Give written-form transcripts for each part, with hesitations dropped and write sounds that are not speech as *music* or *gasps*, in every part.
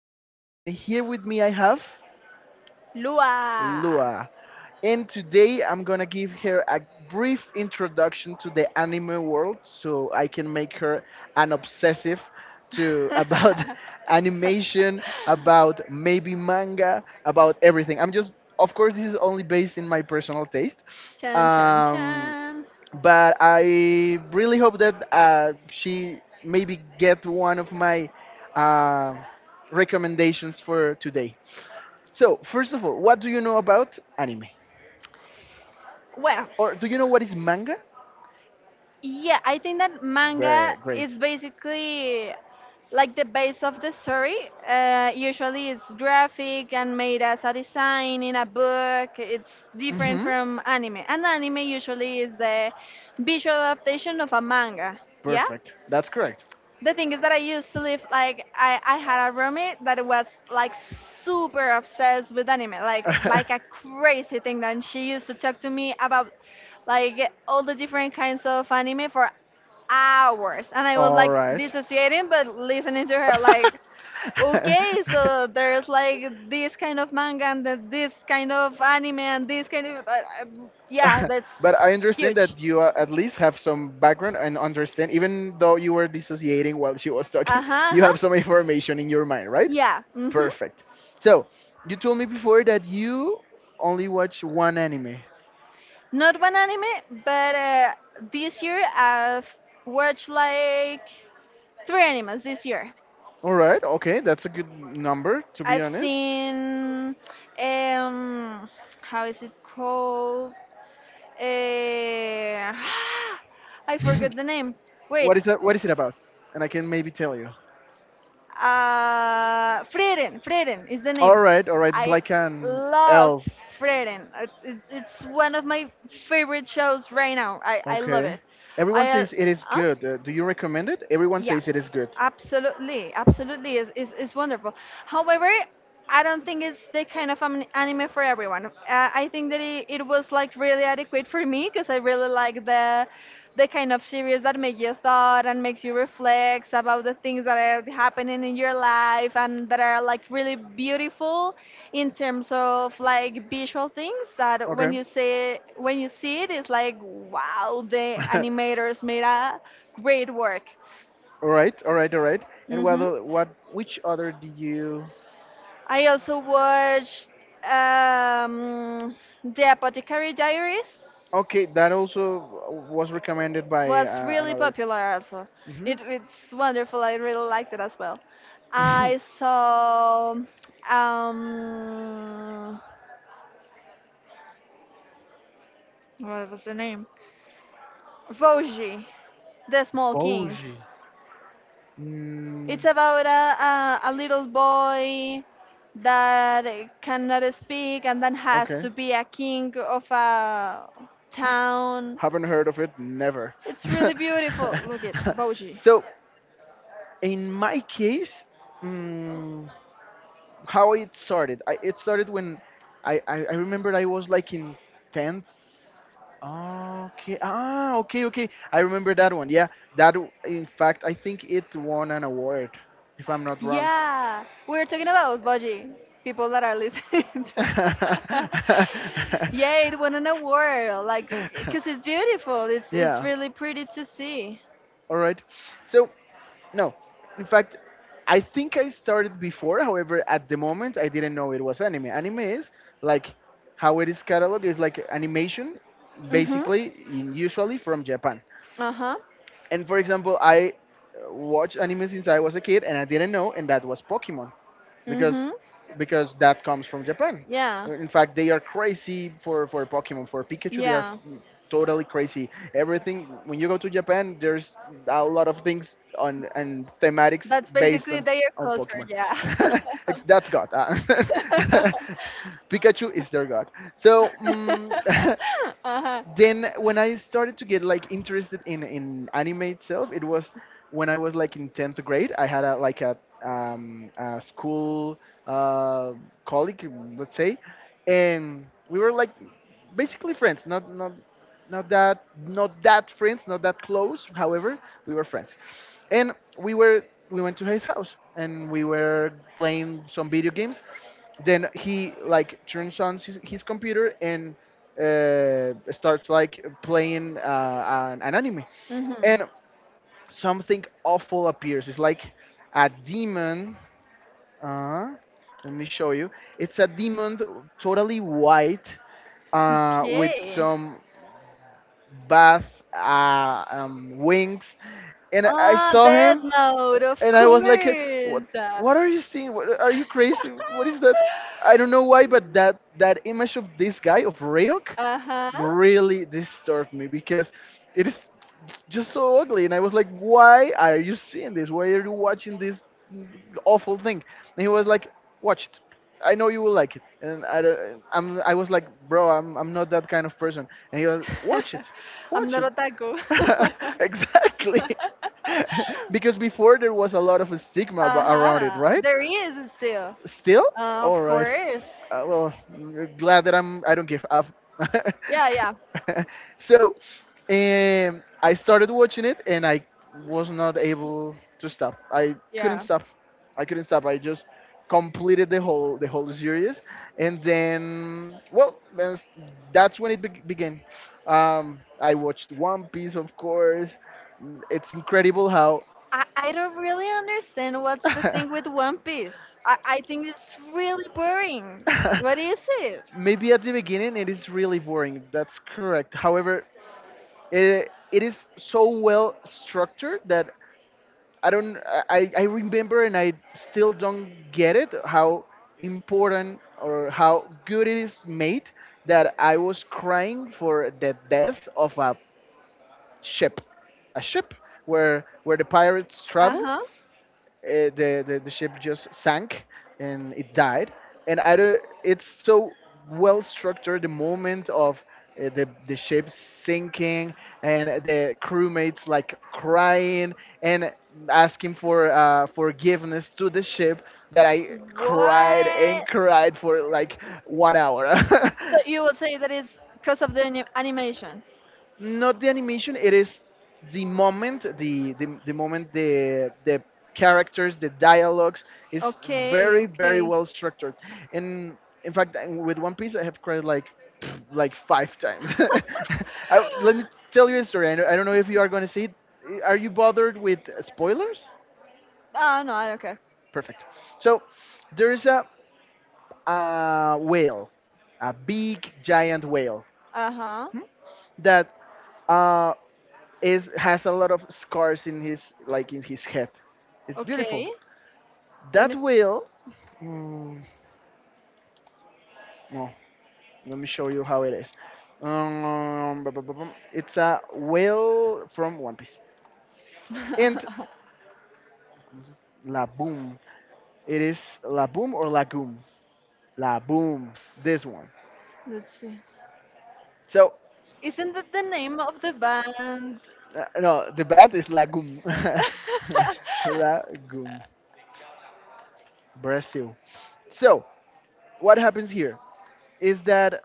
John, and here with me I have Lua. Lua. And today I'm gonna give her a brief introduction to the anime world, so I can make her an obsessive to about *laughs* *laughs* animation, about maybe manga, about everything. I'm just, of course, this is only based in my personal taste. Chan chan Um, chan. but I really hope that she maybe get one of my uh, recommendations for today. So first of all, what do you know about anime, Well, or do you know what is manga? yeah, I think that manga Very great. is basically like the base of the story. Usually it's graphic and made as a design in a book. It's different hmm from anime. And anime usually is the visual adaptation of a manga. Yeah? Perfect. That's correct. The thing is that I used to live like I had a roommate that was like super obsessed with anime, *laughs* like a crazy thing. And she used to talk to me about like all the different kinds of anime for hours, and I was All like right. *laughs* dissociating, but listening to her like. Okay, *laughs* so there's like this kind of manga and this kind of anime and this kind of uh, yeah, that's But I understand that huge. you at least have some background and understand, even though you were dissociating while she was talking, Uh huh. *laughs* you Uh-huh. have some Uh-huh. information in your mind, right? Yeah. Mhm. Perfect. So, you told me before that you only watch one anime. Not one anime, but this year I've watched like three animes this year. All right, okay, that's a good number to be I've honest. seen um how is it called? Uh, *gasps* *sighs* I forgot the name. *laughs* Wait, What is that? What is it about? And I can maybe tell you. Frieren. Frieren is the All name. right, all right. It's I like an elf. loved Frieren. It's one of my favorite shows right now. I love Okay. it. I Everyone says it is Huh? good. Do you recommend it? Everyone Yeah, says it is good. absolutely, absolutely is wonderful. However, I don't think it's the kind of an anime for everyone. I think that it was like really adequate for me because I really like the kind of series that make you thought and makes you reflect about the things that are happening in your life and that are like really beautiful in terms of like visual things that Okay. When you see it it's like wow, the animators made a great *laughs* work. All right, all right, all right. And what Hmm. o- what which other did you? I also watched um, The Apothecary Diaries. Okay, that also was recommended by Was really another. popular also. Mm-hmm. It's wonderful. I really liked it as well. I saw um, what was the name? Voji, The *laughs* Small King. Boji. It's Mm, about a little boy that cannot speak and then has okay. to be a king of a Mm, town. Haven't heard of it. Never. It's *laughs* really beautiful. Look at Boji. So in my case, mm, how it started? It started when I remember I was like in tenth. Okay. Ah, okay, okay. I remember that one. Yeah, that. In fact, I think it won an award, if I'm not wrong. Yeah, we're talking about Boji, people that are listening *laughs* to *laughs* us. Yeah, it won an award, like, because it's beautiful. It's Yeah. really pretty to see. All right. So, no. In fact, I think I started before. However, at the moment, I didn't know it was anime. Anime is like how it is cataloged is like animation, Mhm. basically, in, usually from Japan. Uh huh. And for example, I watched anime since I was a kid, and I didn't know, and that was Pokemon, because Mhm. because that comes from Japan. Yeah. In fact, they are crazy for Pokemon, for Pikachu. Yeah. Totally crazy. Everything when you go to Japan, there's a lot of things on and thematics That's based basically on their culture, Pokemon. yeah. *laughs* *laughs* That's God. *laughs* *laughs* Pikachu is their God. So. *laughs* Uh-huh. Then when I started to get like interested in anime itself, it was when I was like in tenth grade. I had a like a school uh, colleague, let's say, and we were like basically friends. Not that friends, not that close. However, we were friends, and we went to his house and we were playing some video games. Then he like turns on his computer and starts like playing an anime, Hmm. and something awful appears. It's like a demon. uh, Let me show you. It's a demon, totally white, with Okay. some bath wings. And I Ah, saw Death him, Note, of and I was like, "What? course. What are you seeing? What, are you crazy? What is that?" I don't know why, but that image of *laughs* this guy of Ryuk Uh huh. really disturbed me because it is just so ugly, and I was like, "Why are you seeing this? Why are you watching this awful thing?" And he was like, "Watch it. I know you will like it," and I, don't- I'm, I was like, "Bro, I'm not that kind of person." And he was, "Watch it, *laughs* I'm watch not it." otaku. *laughs* *laughs* Exactly. *laughs* Because before there was a lot of uh around it, huh. right? There is still. Still? All Of right. course. Well, glad that I don't give up. Yeah, yeah, *laughs* So, I started watching it and I was not able to stop. I couldn't yeah. stop. I couldn't stop. I just completed the whole series, and then well, that's when began. I watched One Piece, of course. It's incredible how. I don't really understand what's the thing with *laughs* One Piece. I think it's really boring. What is it? Maybe at the beginning it is really boring. That's correct. However, it is so well structured that I don't. I remember and I still don't get it how important or how good it is made, that I was crying for the death of a ship, a ship where the pirates Uh travel. huh. The, the ship just sank and it died, and I don't. It's so well structured, the moment of the ship sinking and the crewmates like crying and asking for forgiveness to the ship, that I cried and What? cried for like 1 hour. *laughs* So you would say that it's because of the animation? Not the animation. It is the moment, the the moment, the characters, the dialogues, is Okay, very very okay. well structured. And in fact, with One Piece I have cried like *sniffs* like five times. *laughs* *laughs* I, let me tell you a story. I don't know if you are going to see it. Are you bothered with spoilers? Ah, no, I don't care. Perfect. So there is a whale, a big giant whale, Uh huh. hmm, that uh, is has a lot of scars in his like in his head. It's beautiful. Okay. Let me That see. whale. Mm, no, let me show you how it is. Bum. It's a whale from One Piece. And *laughs* La Boom. It is La Boom or Lagoon. La Boom. This one. Let's see. So Isn't that the name of the band? No, the band is Lagoon. *laughs* Lagoon, Brazil. So what happens here is that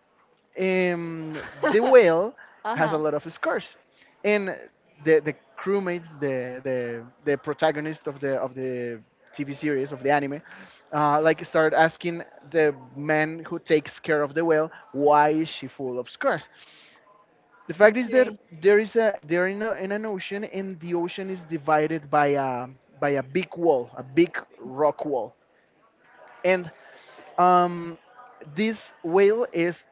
um, the whale *laughs* has a Uh-huh. lot of scars, and the crewmates, the protagonist of the TV series of the anime, like start asking the man who takes care of the whale why is she full of scars. The fact is that Okay. there is a they're in, a, in an ocean, and the ocean is divided by a big wall, a big rock wall, and um, this whale is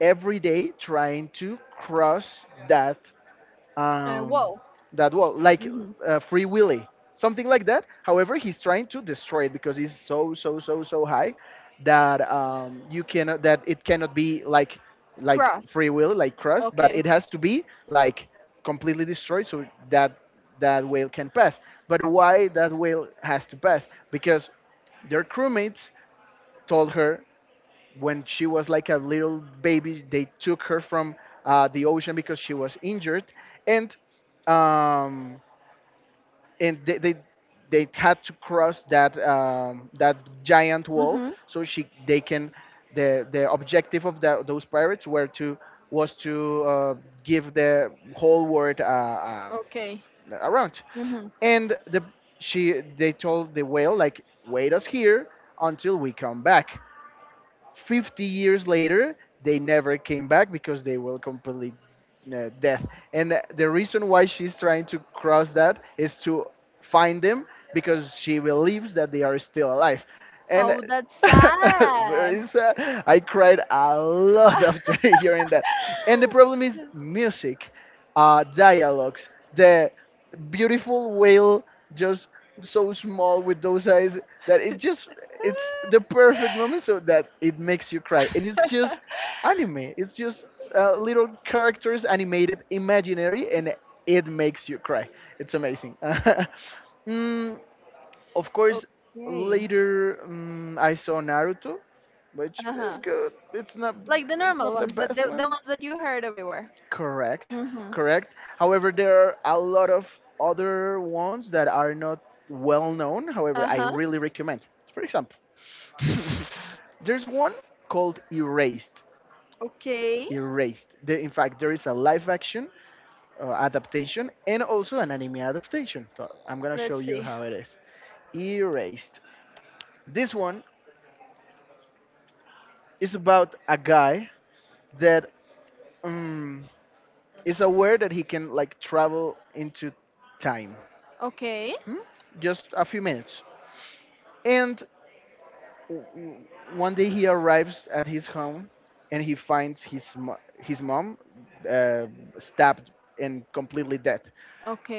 every day trying to cross that um, Whoa. that wall, like Hmm. Free Willy, something like that. However, he's trying to destroy it because it's so so so so high that you cannot that it cannot be like Cross. Free Willy, like crust, but Okay. it has to be like completely destroyed so that that whale can pass. But why that whale has to pass? Because their crewmates told her when she was like a little baby, they took her from the ocean because she was injured, and um, and they, they they had to cross that that giant wall. Mm-hmm. So she they can the objective of the, those pirates were to was to give the whole world Okay. around, Mm-hmm. and the she they told the whale like wait us here until we come back 50 years later, they never came back because they were completely dead. And the reason why she's trying to cross that is to find them because she believes that they are still alive. And Oh, that's uh, *laughs* sad. very sad. I cried a lot after *laughs* hearing that. And the problem is *laughs* music, dialogues, the beautiful whale just so small with those eyes that it just it's the perfect moment so *laughs* that it makes you cry. And it's just anime. It's just little characters animated imaginary, and it makes you cry. It's amazing. *laughs* mm, of course Okay. later I saw Naruto, which is Uh-huh. good. It's not Like the it's normal not the ones, that best the one. ones that you heard everywhere. Correct, Mm-hmm. correct. However, there are a lot of other ones that are not well known. However, I Uh-huh. really recommend. For example, *laughs* there's one called Erased. Okay. Erased. There, in fact, there is a live action adaptation and also an anime adaptation. So I'm gonna show Let's you see. how it is. Erased. This one is about a guy that um, is aware that he can like travel into time. Okay. Hmm? Just a few minutes. And w- one day he arrives at his home and he finds his mom uh, stabbed and completely dead.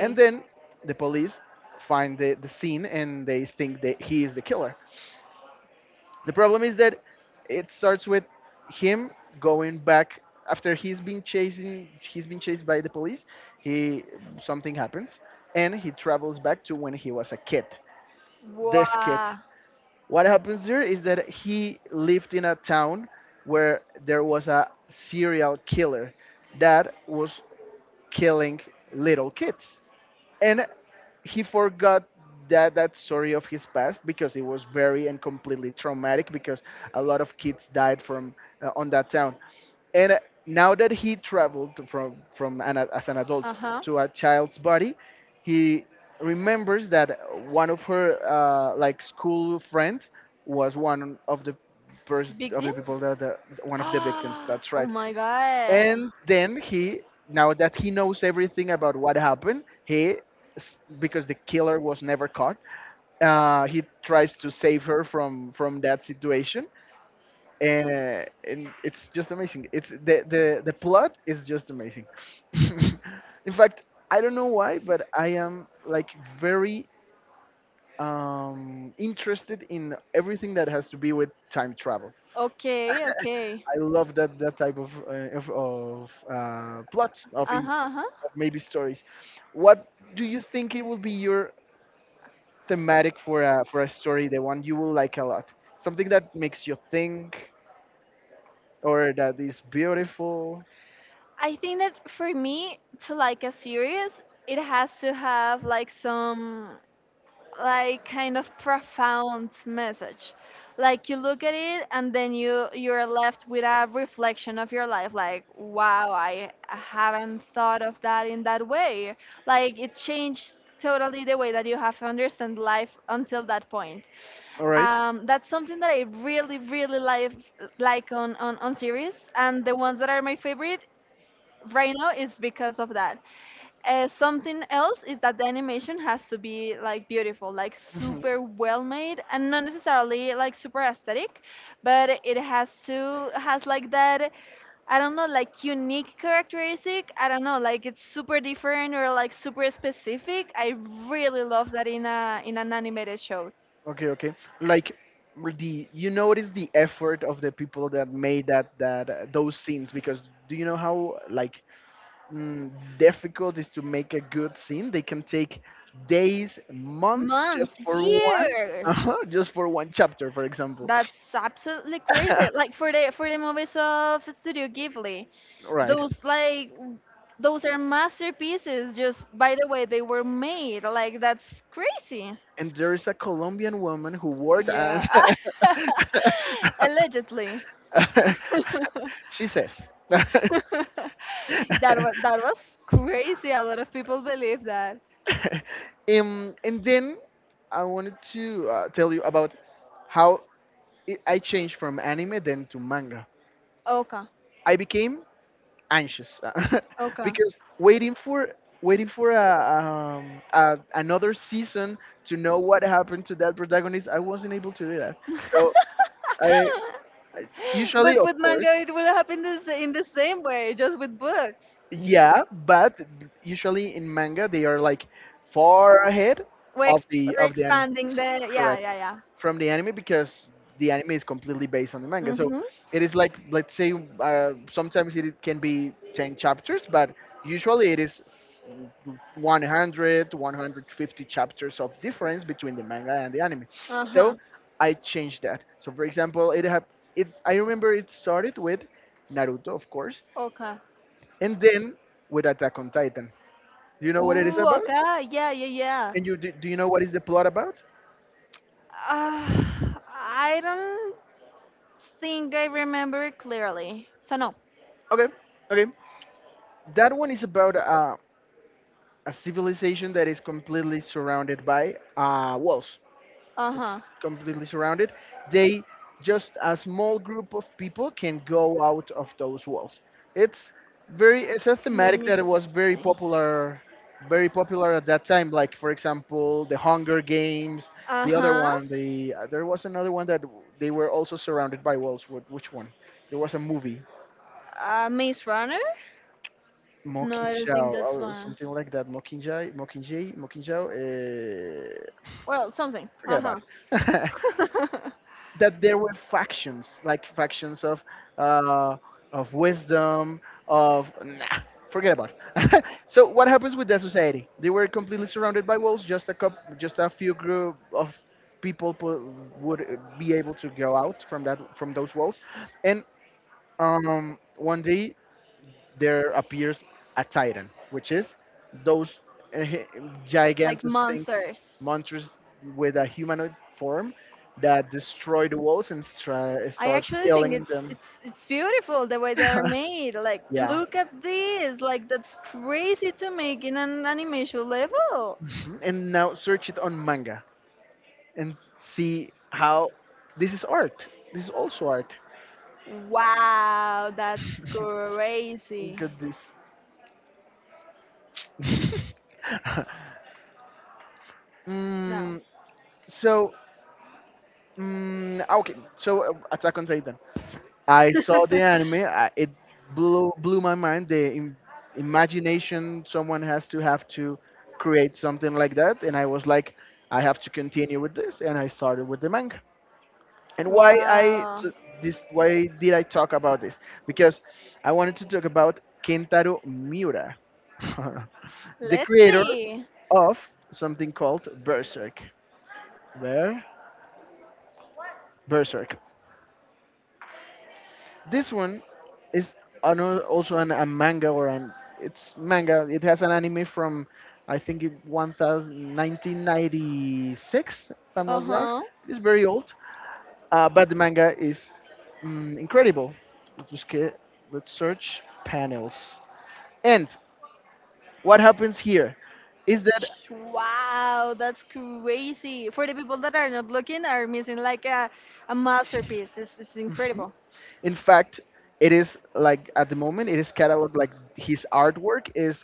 And then the police find the scene and they think that he is the killer. The problem is that it starts with him going back after he's been chased by the police. He something happens and he travels back to when he was a kid. This kid. Wow. What happens there is that he lived in a town where there was a serial killer that was killing little kids. And he forgot that story of his past because it was very and completely traumatic because a lot of kids died from on that town and now that he traveled from as an Uh adult huh. to a child's body he remembers that one of her like school friends was one of the of the people Victims? that, one of the victims, Ah! that's *gasps* Oh right. my god. And then he, now that he knows everything about what happened, he because the killer was never caught, he tries to save her from that situation. uh, and it's just amazing. It's the the plot is just amazing. *laughs* In fact, I don't know why, but I am like very interested in everything that has to be with time travel. Okay, okay. I love that type of, plots of, Uh huh, uh huh. of maybe stories. What do you think it will be your thematic for a story? The one you will like a lot, something that makes you think or that is beautiful. I think that for me to like a series, it has to have like some like kind of profound message. Like you look at it and then you're left with a reflection of your life like wow, I haven't thought of that in that way. Like it changed totally the way that you have understand life until that point. All right. That's something that I really really like on series and the ones that are my favorite right now it's because of that. Something else is that the animation has to be like beautiful, like Mhm. super well made and not necessarily like super aesthetic, but it has to has like that. I don't know, like unique characteristic. I don't know, like it's super different or like super specific. I really love that in a in an animated show. Okay, okay. Like, the you notice the effort of the people that made that those scenes because do you know how like mm, difficult is to make a good scene? They can take days, months Months, just for one, *laughs* years. Just for one chapter, for example. That's absolutely crazy. Like *laughs* for the movies of Studio Ghibli, Right. those like w- those are masterpieces. Just by the way they were made, like that's crazy. And there is a Colombian woman who worked and Yeah, *laughs* *laughs* allegedly. *laughs* she says. *laughs* That was crazy. A lot of people believe that. And then I wanted to tell you about how I changed from anime then to manga. Okay, I became anxious *laughs* okay. because waiting for waiting for a another season to know what happened to that protagonist. I wasn't able to do that, so I *laughs* usually But of with course. manga, it will happen the in the same way, just with books. Yeah, but usually in manga they are like far ahead We're, of ex the we're of the anime. expanding the. Mhm, Yeah, yeah, correct. yeah. From the anime because the anime is completely based on the manga. So Mm-hmm. it is like, let's say, sometimes it can be 10 chapters, but usually it is 100 150 chapters of difference between the manga and the anime. Uh-huh. So I changed that. So for example, it have it I remember it started with Naruto, of course, Okay. and then with Attack on Titan. Do you know what it is Ooh, about? okay. Yeah, yeah, yeah. And you do, do you know what is the plot about? Uh, I don't think I remember clearly. So, no. Okay, okay. That one is about a civilization that is completely surrounded by walls. It's Uh-huh. completely surrounded. They, just a small group of people can go out of those walls. It's very, it's a Let thematic me that it was very see. popular, very popular at that time. Like for example, the Hunger Games, the other Uh-huh. one, the there was another one that they were also surrounded by walls. Which one? There was a movie, Maze Runner? No, I don't think Mockingjay that's or one. something like that. Mockingjay, Mockingjay, Mockingjay, Well, something. forget about Uh it. *laughs* huh. That there were factions, like factions uh, of wisdom, of, nah, forget about it. *laughs* So what happens with that society? They were completely surrounded by walls. Just a cup, just a few group of people would be able to go out from that, from those walls, and one day there appears a titan, which is those uh, *laughs* Like gigantic things, monsters. monsters with a humanoid form that destroy the walls and I start actually think killing it's them. it's it's beautiful the way they're *laughs* made. Like, Yeah. look at this. Like, that's crazy to make in an animation level. Mhm. And now search it on manga and see how this is art. This is also art. Wow, that's *laughs* Look crazy. at this. *laughs* No. mm, so, okay. So, Attack on Titan. I saw the *laughs* anime. It blew my mind. The imagination someone has to have to create something like that, and I was like, I have to continue with this, and I started with the manga. And Wow. Why did I talk about this? Because I wanted to talk about Kentaro Miura, *laughs* the Let's creator see. of something called Berserk. Where? Berserk. This one is also a manga or an it's manga. It has an anime from I think it 1000 if I'm Uh not wrong. huh. It is very old, but the manga is, incredible. Let's just get, let's search panels. And what happens here is that, Wow, that's crazy. For the people that are not looking, are missing like a masterpiece. It's incredible. *laughs* in fact, it is like at the moment it is cataloged, like his artwork is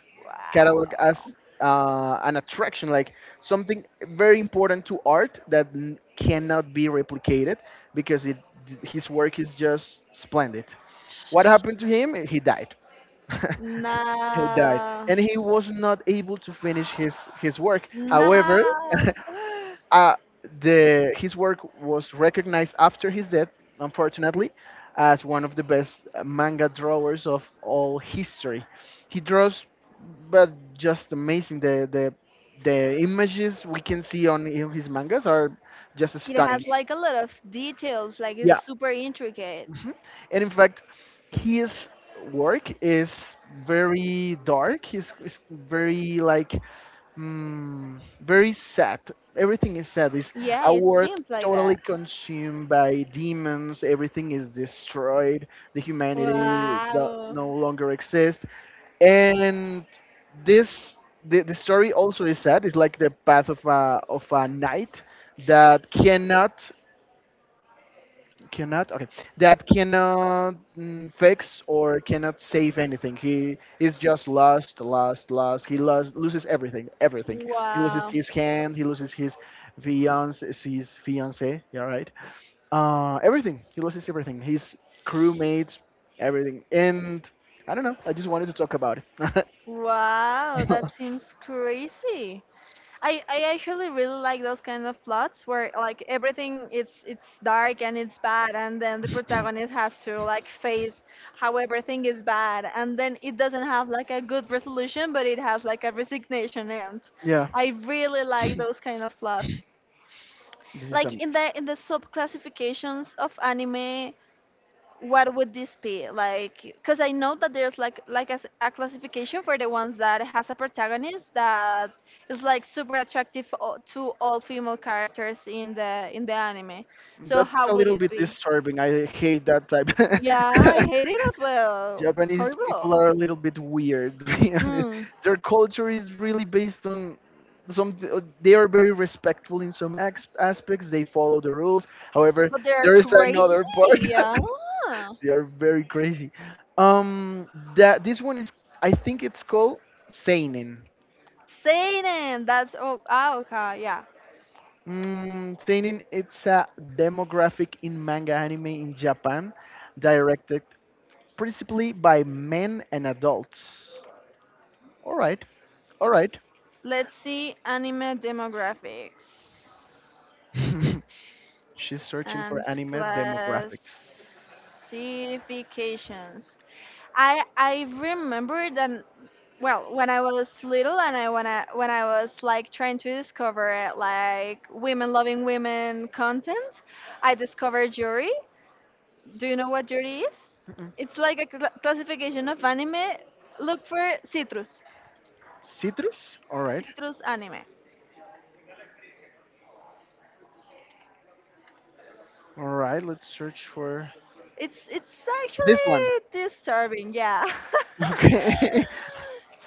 cataloged Wow. as an attraction, like something very important to art that cannot be replicated because it his work is just splendid. Sh- What happened to him? He died. *laughs* He died, Nah. and he was not able to finish his work. However, Nah. *laughs* *gasps* Uh, the his work was recognized after his death, unfortunately, as one of the best manga drawers of all history. He draws, but just amazing. The the images we can see on in his mangas are just It stunning. has like a lot of details, like it's Yeah, super intricate. hmm, and in fact, his work is very dark. It's very like, mm, very sad. Everything is sad. It's Yeah, a it world seems like totally that. consumed by demons. Everything is destroyed. The humanity Wow. no longer exists. And this, the story also is sad. It's like the path of a knight that cannot okay, that cannot, fix or cannot save anything. He is just lost lost, loses everything, everything. He loses Wow. his hand, he loses his fiance, his fiance, yeah, right. Uh, everything, he loses everything, his crewmates, everything. And I don't know, I just wanted to talk about it. Wow, that *laughs* seems crazy. I actually really like those kind of plots where like everything it's dark and it's bad and then the protagonist has to like face how everything is bad and then it doesn't have like a good resolution but it has like a resignation end. Yeah, I really like those kind of plots. this is amazing. Like in the sub classifications of anime, what would this be like? Because I know that there's like a classification for the ones that has a protagonist that is like super attractive to all female characters in the anime so That's how a would little it bit be? disturbing. I hate that type. Yeah, I *laughs* hate it as well. Japanese Horrible. people are a little bit weird, *laughs* to be honest. Mm. Their culture is really based on some. They are very respectful in some aspects. They follow the rules. However, But they're there is crazy. another part. Yeah. *laughs* They are very crazy. Um, that this one is, I think it's called seinen. Satan, that's, oh, ah, okay, yeah. Mm, seinen, it's a demographic in manga anime in Japan, directed principally by men and adults. All right, all right. Let's see anime demographics *laughs* She's searching for and anime demographics. classifications. I remember that, well, when I was little and I was like trying to discover like women loving women content, I discovered Yuri. Do you know what Yuri is? Mm-mm. It's like a classification of anime. Look for citrus, Citrus? All right, citrus anime. all right. Let's search for It's this one. actually disturbing, yeah. Okay,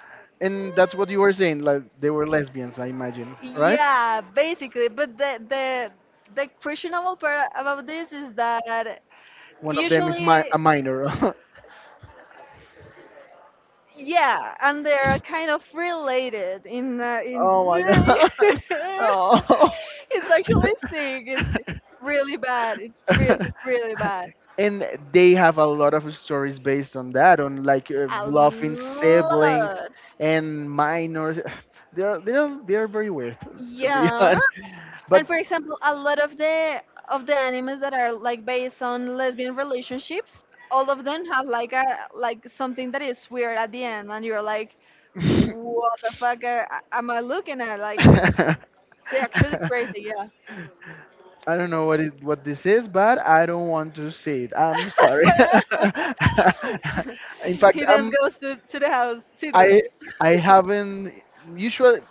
*laughs* and that's what you were *laughs* saying. Like they were lesbians, I imagine, right? Yeah, basically. But the questionable part about this is that One of them is my usually, a minor. *laughs* yeah, and they're kind of related in in. Oh my god. *laughs* *laughs* Oh. It's actually sick. It's really bad. It's really *laughs* really bad. And they have a lot of stories based on that, on like A bluffing siblings lot. and minors. *sighs* They're very weird, to be *laughs* Yeah. honest. But And for example, a lot of the animes that are like based on lesbian relationships, all of them have like a like something that is weird at the end, and you're like, what the fuck am I looking at? Like it's actually crazy, *laughs* yeah. I don't know what it what this is, but I don't want to see it. I'm sorry. *laughs* *laughs* In fact, He then goes to, the house, Citrus. I I *laughs* haven't usually.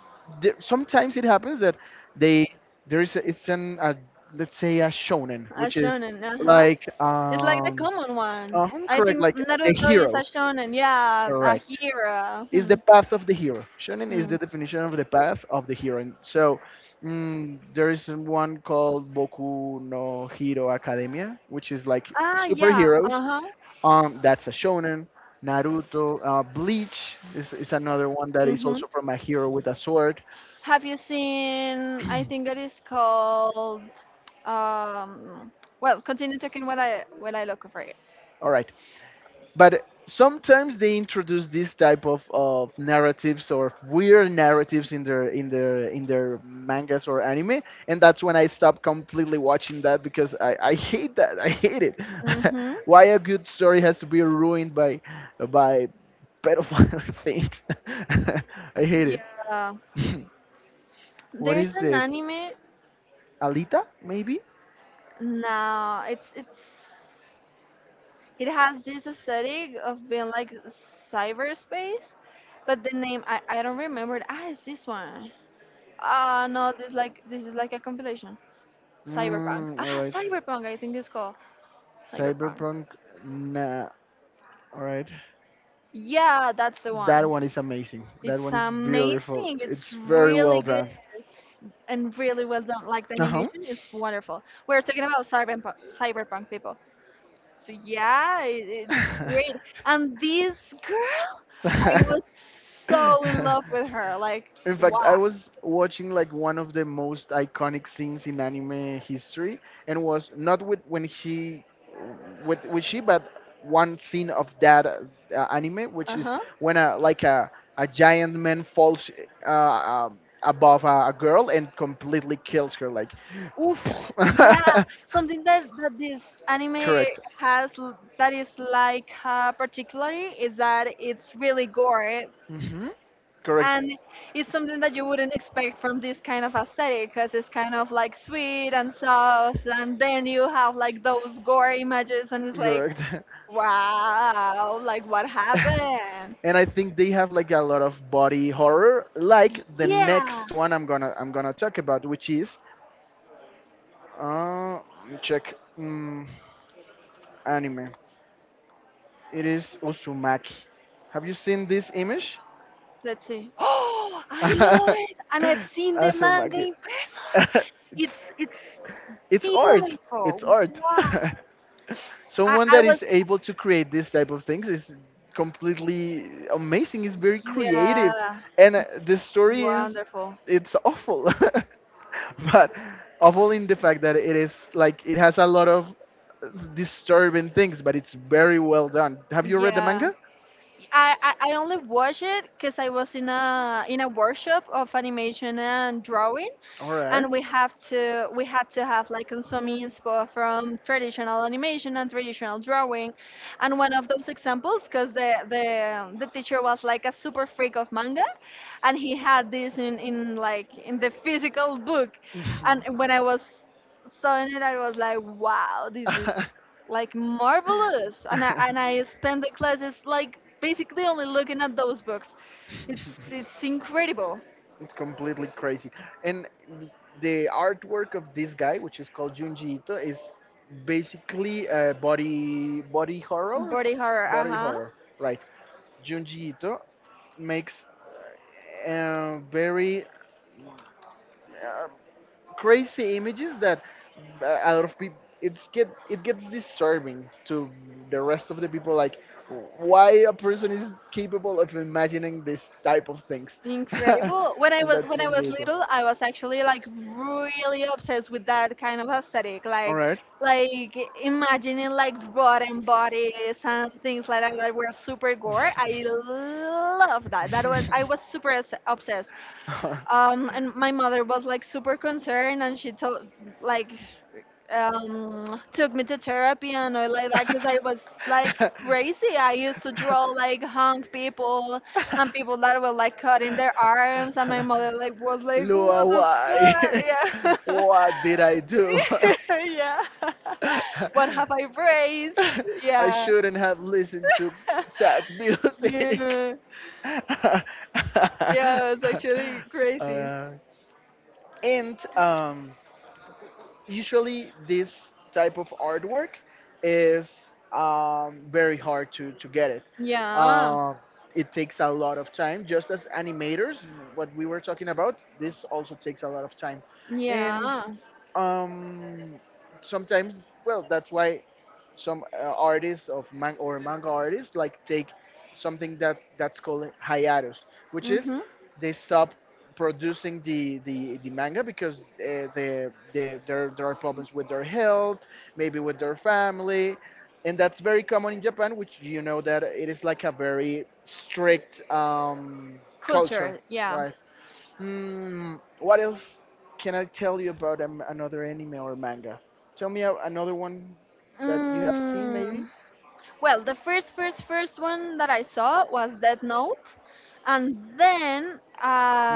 There, sometimes it happens that they there is a, let's say a shonen, A which is shonen, uh-huh. like It's like the common one. I correct, think like the Naruto is hero, a shonen, yeah, a correct, hero. is Hmm. the path of the hero. Shonen is Hmm. the definition of the path of the hero. And so, there is one called Boku no Hero Academia, which is like Ah, yeah. superheroes. Uh-huh. That's a shonen. Naruto, Bleach is another one that is Mm-hmm. also from a hero with a sword. Have you seen, I think that is called, um, well, continue talking while I look for it. All right. But sometimes they introduce this type of narratives or weird narratives in their mangas or anime, and that's when I stopped completely watching that because I hate that, I hate it. *laughs* Mm-hmm. Why a good story has to be ruined by by pedophile *laughs* things. *laughs* I hate it. Yeah. *laughs* What There's is an it, anime Alita maybe? now. It has this aesthetic of being like cyberspace, but the name I don't remember it. Ah, it's this one. Ah, no, this is like a compilation. Cyberpunk. *laughs* Mm, all Ah, right, Cyberpunk, I think it's called Cyberpunk. cyberpunk, nah, all right. Yeah, that's the That one. one is amazing. That It's one is beautiful. amazing. It's It's very well really good done. and really well done. Like the Uh huh. animation is wonderful. We're talking about cyberpunk, cyberpunk people. So yeah, it's great. *laughs* And this girl, And I was this so in *laughs* love with her. Like, in wow. fact, I was watching like one of the most iconic scenes in anime history, and was not with when he, with she, but one scene of that anime, Uh which is huh. when a like a giant man falls above a girl and completely kills her. Like, Oof, yeah, *laughs* something that this anime correct, has that is like particularly is that it's really gore hmm, correct. and it's something that you wouldn't expect from this kind of aesthetic because it's kind of like sweet and soft and then you have like those gore images and it's like Correct. *laughs* wow, like what happened? *laughs* And I think they have like a lot of body horror, like the Yeah, next one I'm gonna talk about, which is, let me check, mm, anime. It is Uzumaki. Have you seen this image? let's see. *gasps* Oh, I love *laughs* it and I've seen the manga Azumaki. in person. *laughs* It's It's it's art. Beautiful. It's art. Wow. *laughs* I, Someone I that was, is able to create this type of things is completely amazing. It's very creative, yeah, and the story is, wonderful. it's awful, *laughs* but awful in the fact that it is like it has a lot of disturbing things, but it's very well done. Have you read the Yeah. manga? I only watched it because I was in a workshop of animation and drawing, All right. and we had to have like some inspo from traditional animation and traditional drawing, and one of those examples because the teacher was like a super freak of manga, and he had this in the physical book, and Mhm. when I was saw it, I was like, wow, this is *laughs* like marvelous, and I spend the classes like basically only looking at those books, it's it's incredible. It's completely crazy. And the artwork of this guy, which is called Junji Ito, is basically a body horror, Body horror, body uh-huh. horror, right? Junji Ito makes a very uh, crazy images that, a lot of people it's get it gets disturbing to the rest of the people, like why a person is capable of imagining this type of things. *laughs* Incredible. When I And was that's when I in, was little, I was actually like really obsessed with that kind of aesthetic, all like right. Imagining like rotten bodies and things like that that were super gore. I love that. That was I was super obsessed. And my mother was like super concerned and she told, like took me to therapy and all like that because I was like crazy. I used to draw like hung people and people that were like cutting their arms, and my mother like was *laughs* *laughs* like, Lua, what the why? fuck? *laughs* Yeah. What did I do? *laughs* Yeah. *laughs* What have I *laughs* raised? I Yeah. shouldn't have listened to sad *laughs* music. Yeah. *laughs* Yeah, it's actually crazy. Uh, and Usually, this type of artwork is, very hard to get it. Yeah. Um, it takes a lot of time, just as animators, what we were talking about, this also takes a lot of time. And Yeah. um sometimes, well, that's why some artists of man- or manga artists like take something that's called hiatus, which is Mm-hmm. they stop producing the manga because they there there are problems with their health, maybe with their family. And that's very common in Japan, which you know that it is like a very strict culture, Culture, yeah. right? Hmm. What else can I tell you about another anime or manga? Tell me another one that you have seen, maybe. Mm, well, the first one that I saw was Death Note, and then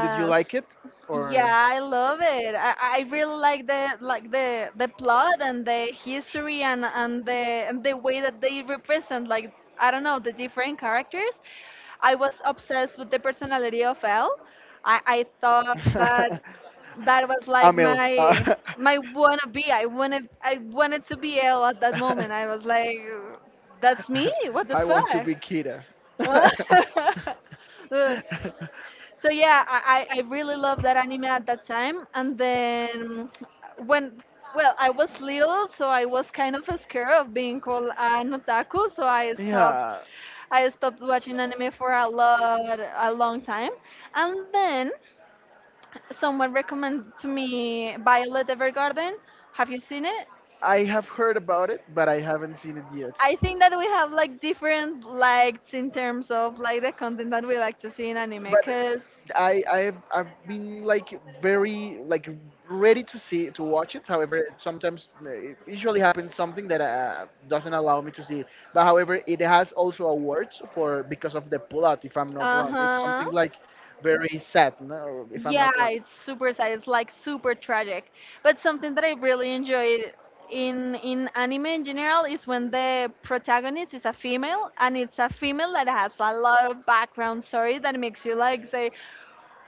Did you like it? Or yeah, I love it. I really like the like the plot and the history and the way that they represent, like, I don't know, the different characters. I was obsessed with the personality of Elle. I thought that *laughs* that was like Amel. my my wanna be. I wanted to be Elle at that *laughs* moment. I was like, that's me. What the I want to be Kira. fuck? *laughs* *laughs* So yeah, I really loved that anime at that time. And then when, well, I was little, so I was kind of scared of being called an otaku. So Yeah, I stopped watching anime for a long time. And then someone recommended to me Violet Evergarden. Have you seen it? I have heard about it, but I haven't seen it yet. I think that we have like different likes in terms of like the content that we like to see in anime, But because I've been like very like ready to see to watch it. However, sometimes it usually happens something that doesn't allow me to see it. But however, it has also awards for because of the plot. If I'm not uh wrong, it's huh. something like very sad, no? If I'm not Yeah, wrong. it's super sad. It's like super tragic. But something that I really enjoy in anime in general is when the protagonist is a female, and it's a female that has a lot of background story that makes you like say,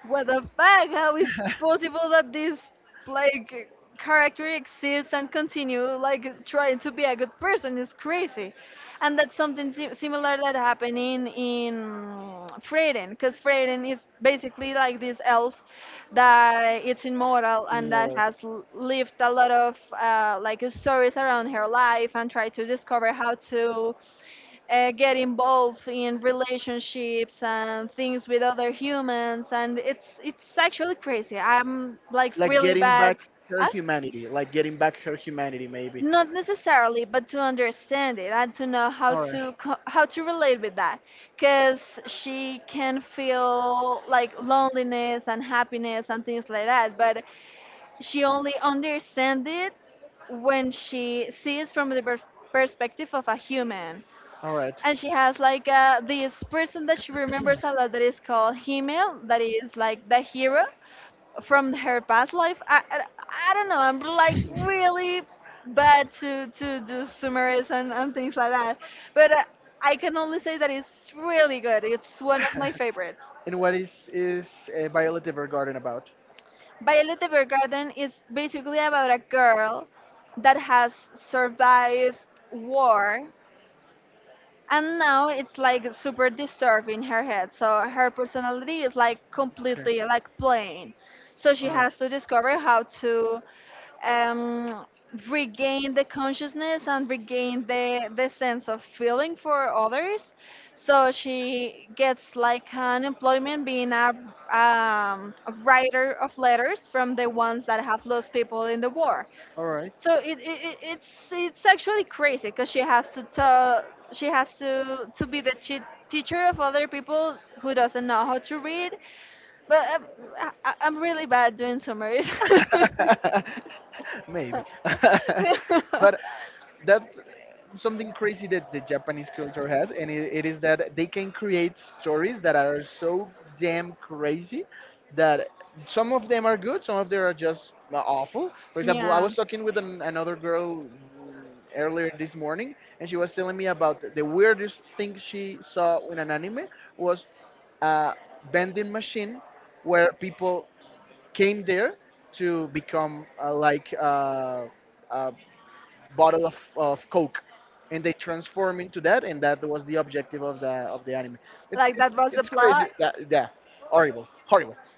what the fuck? How is possible that *laughs* this, like, character exists and continue like trying to be a good person? It's crazy, and that's something similar that happened in Freyden, because Freyden is basically like this elf that it's immortal and that Immortal. has lived a lot of like stories around her life and tried to discover how to get involved in relationships and things with other humans. And it's actually crazy. I'm like Like really getting bad. back her uh, humanity, like getting back her humanity, maybe. Not necessarily, but to understand it and to know how All to how to relate with that, because she can feel like loneliness and happiness and things like that, but she only understands it when she sees from the right. perspective of a human. All right. And she has like this person that she remembers a lot, that is called Himmel, that is like the hero from her past life. I don't know, I'm like really bad to do summaries and things like that, but I can only say that it's really good. It's one of my favorites. *laughs* And what is Violet Evergarden about? Violet Evergarden is basically about a girl that has survived war, and now it's like super disturbed in her head, so her personality is like Okay. completely like plain. So she All right. has to discover how to um, regain the consciousness and regain the sense of feeling for others. So she gets like an employment being a writer of letters from the ones that have lost people in the war. All right. So it's actually crazy, because she has to tell, she has to be the teacher of other people who doesn't know how to read. But I'm really bad doing summaries. *laughs* *laughs* Maybe. *laughs* But that's something crazy that the Japanese culture has, and it is that they can create stories that are so damn crazy that some of them are good, some of them are just awful. For example, I Yeah, was talking with another girl, earlier this morning, and she was telling me about the weirdest thing she saw in an anime. Was a vending machine where people came there to become a bottle of Coke, and they transform into that, and that was the objective of the anime. It's like that it's was the it's plot. crazy. *laughs* Yeah, yeah. Horrible, horrible. *laughs*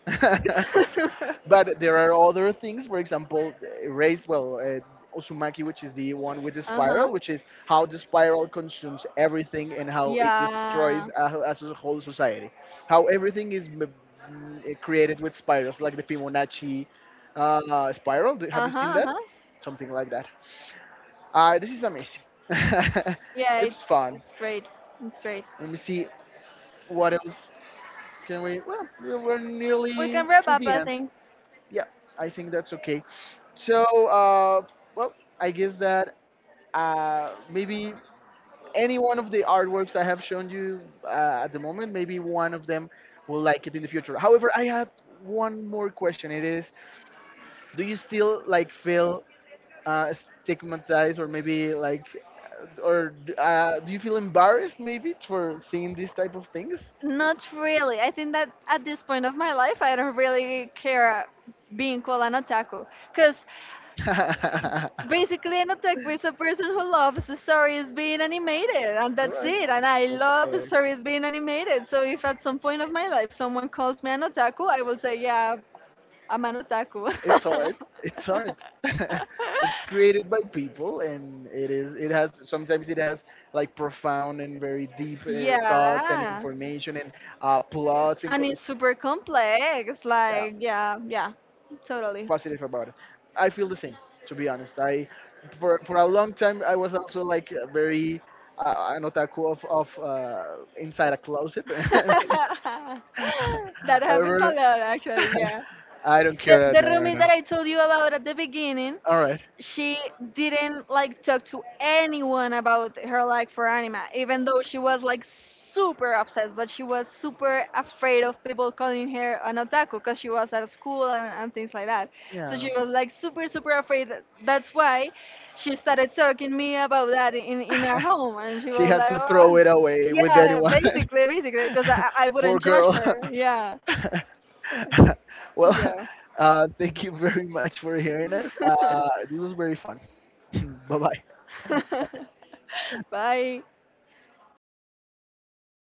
But there are other things, for example, Osumaki, which is the one with the Uh huh. spiral, which is how the spiral consumes everything and how it Yeah. destroys a, as a whole society. How everything is created with spirals, like the Fibonacci spiral. Have Uh you huh. seen Uh that? huh. Something like that. This is amazing. *laughs* Yeah, It's fun. it's great. It's great. Let me see what else can we. Well, we are We nearly can wrap to up, the I end. think. Yeah, I think that's okay. So, well, I guess that maybe any one of the artworks I have shown you at the moment, maybe one of them will like it in the future. However, I have one more question. It is, do you still like feel uh, stigmatized or maybe like, or do you feel embarrassed maybe for seeing these type of things? Not really. I think that at this point of my life, I don't really care being called an otaku. Because *laughs* basically, an otaku is a person who loves the stories being animated, and All that's right. it. And I love Correct. stories being animated. So if at some point of my life someone calls me an otaku, I will say, yeah, I'm an otaku. It's hard. It's hard. *laughs* It's created by *laughs* people, and it is. It has sometimes it has like profound and very deep thoughts and Yeah. information and uh, plots and And co- it's super complex. yeah, Like, yeah, yeah, totally. positive about it. I feel the same, to be honest. I for a long time I was also like a very an otaku of inside a closet. *laughs* *laughs* That happens a However, lot, actually, yeah. *laughs* I don't care right The now. Right roomie that now. I told you about at the beginning, All right. she didn't like talk to anyone about her like for anima, even though she was like super obsessed, but she was super afraid of people calling her an otaku because she was at school and things like that. So Yeah. she was like super afraid. That's why she started talking me about that in our *laughs* home, and she She was had like, to oh throw it away with yeah, anyone. basically because I *laughs* Poor wouldn't judge girl. her. Yeah. *laughs* Well, Yeah. *laughs* Thank you very much for hearing us. *laughs* This was very fun. *laughs* *clears throat* Bye bye. *laughs* Bye.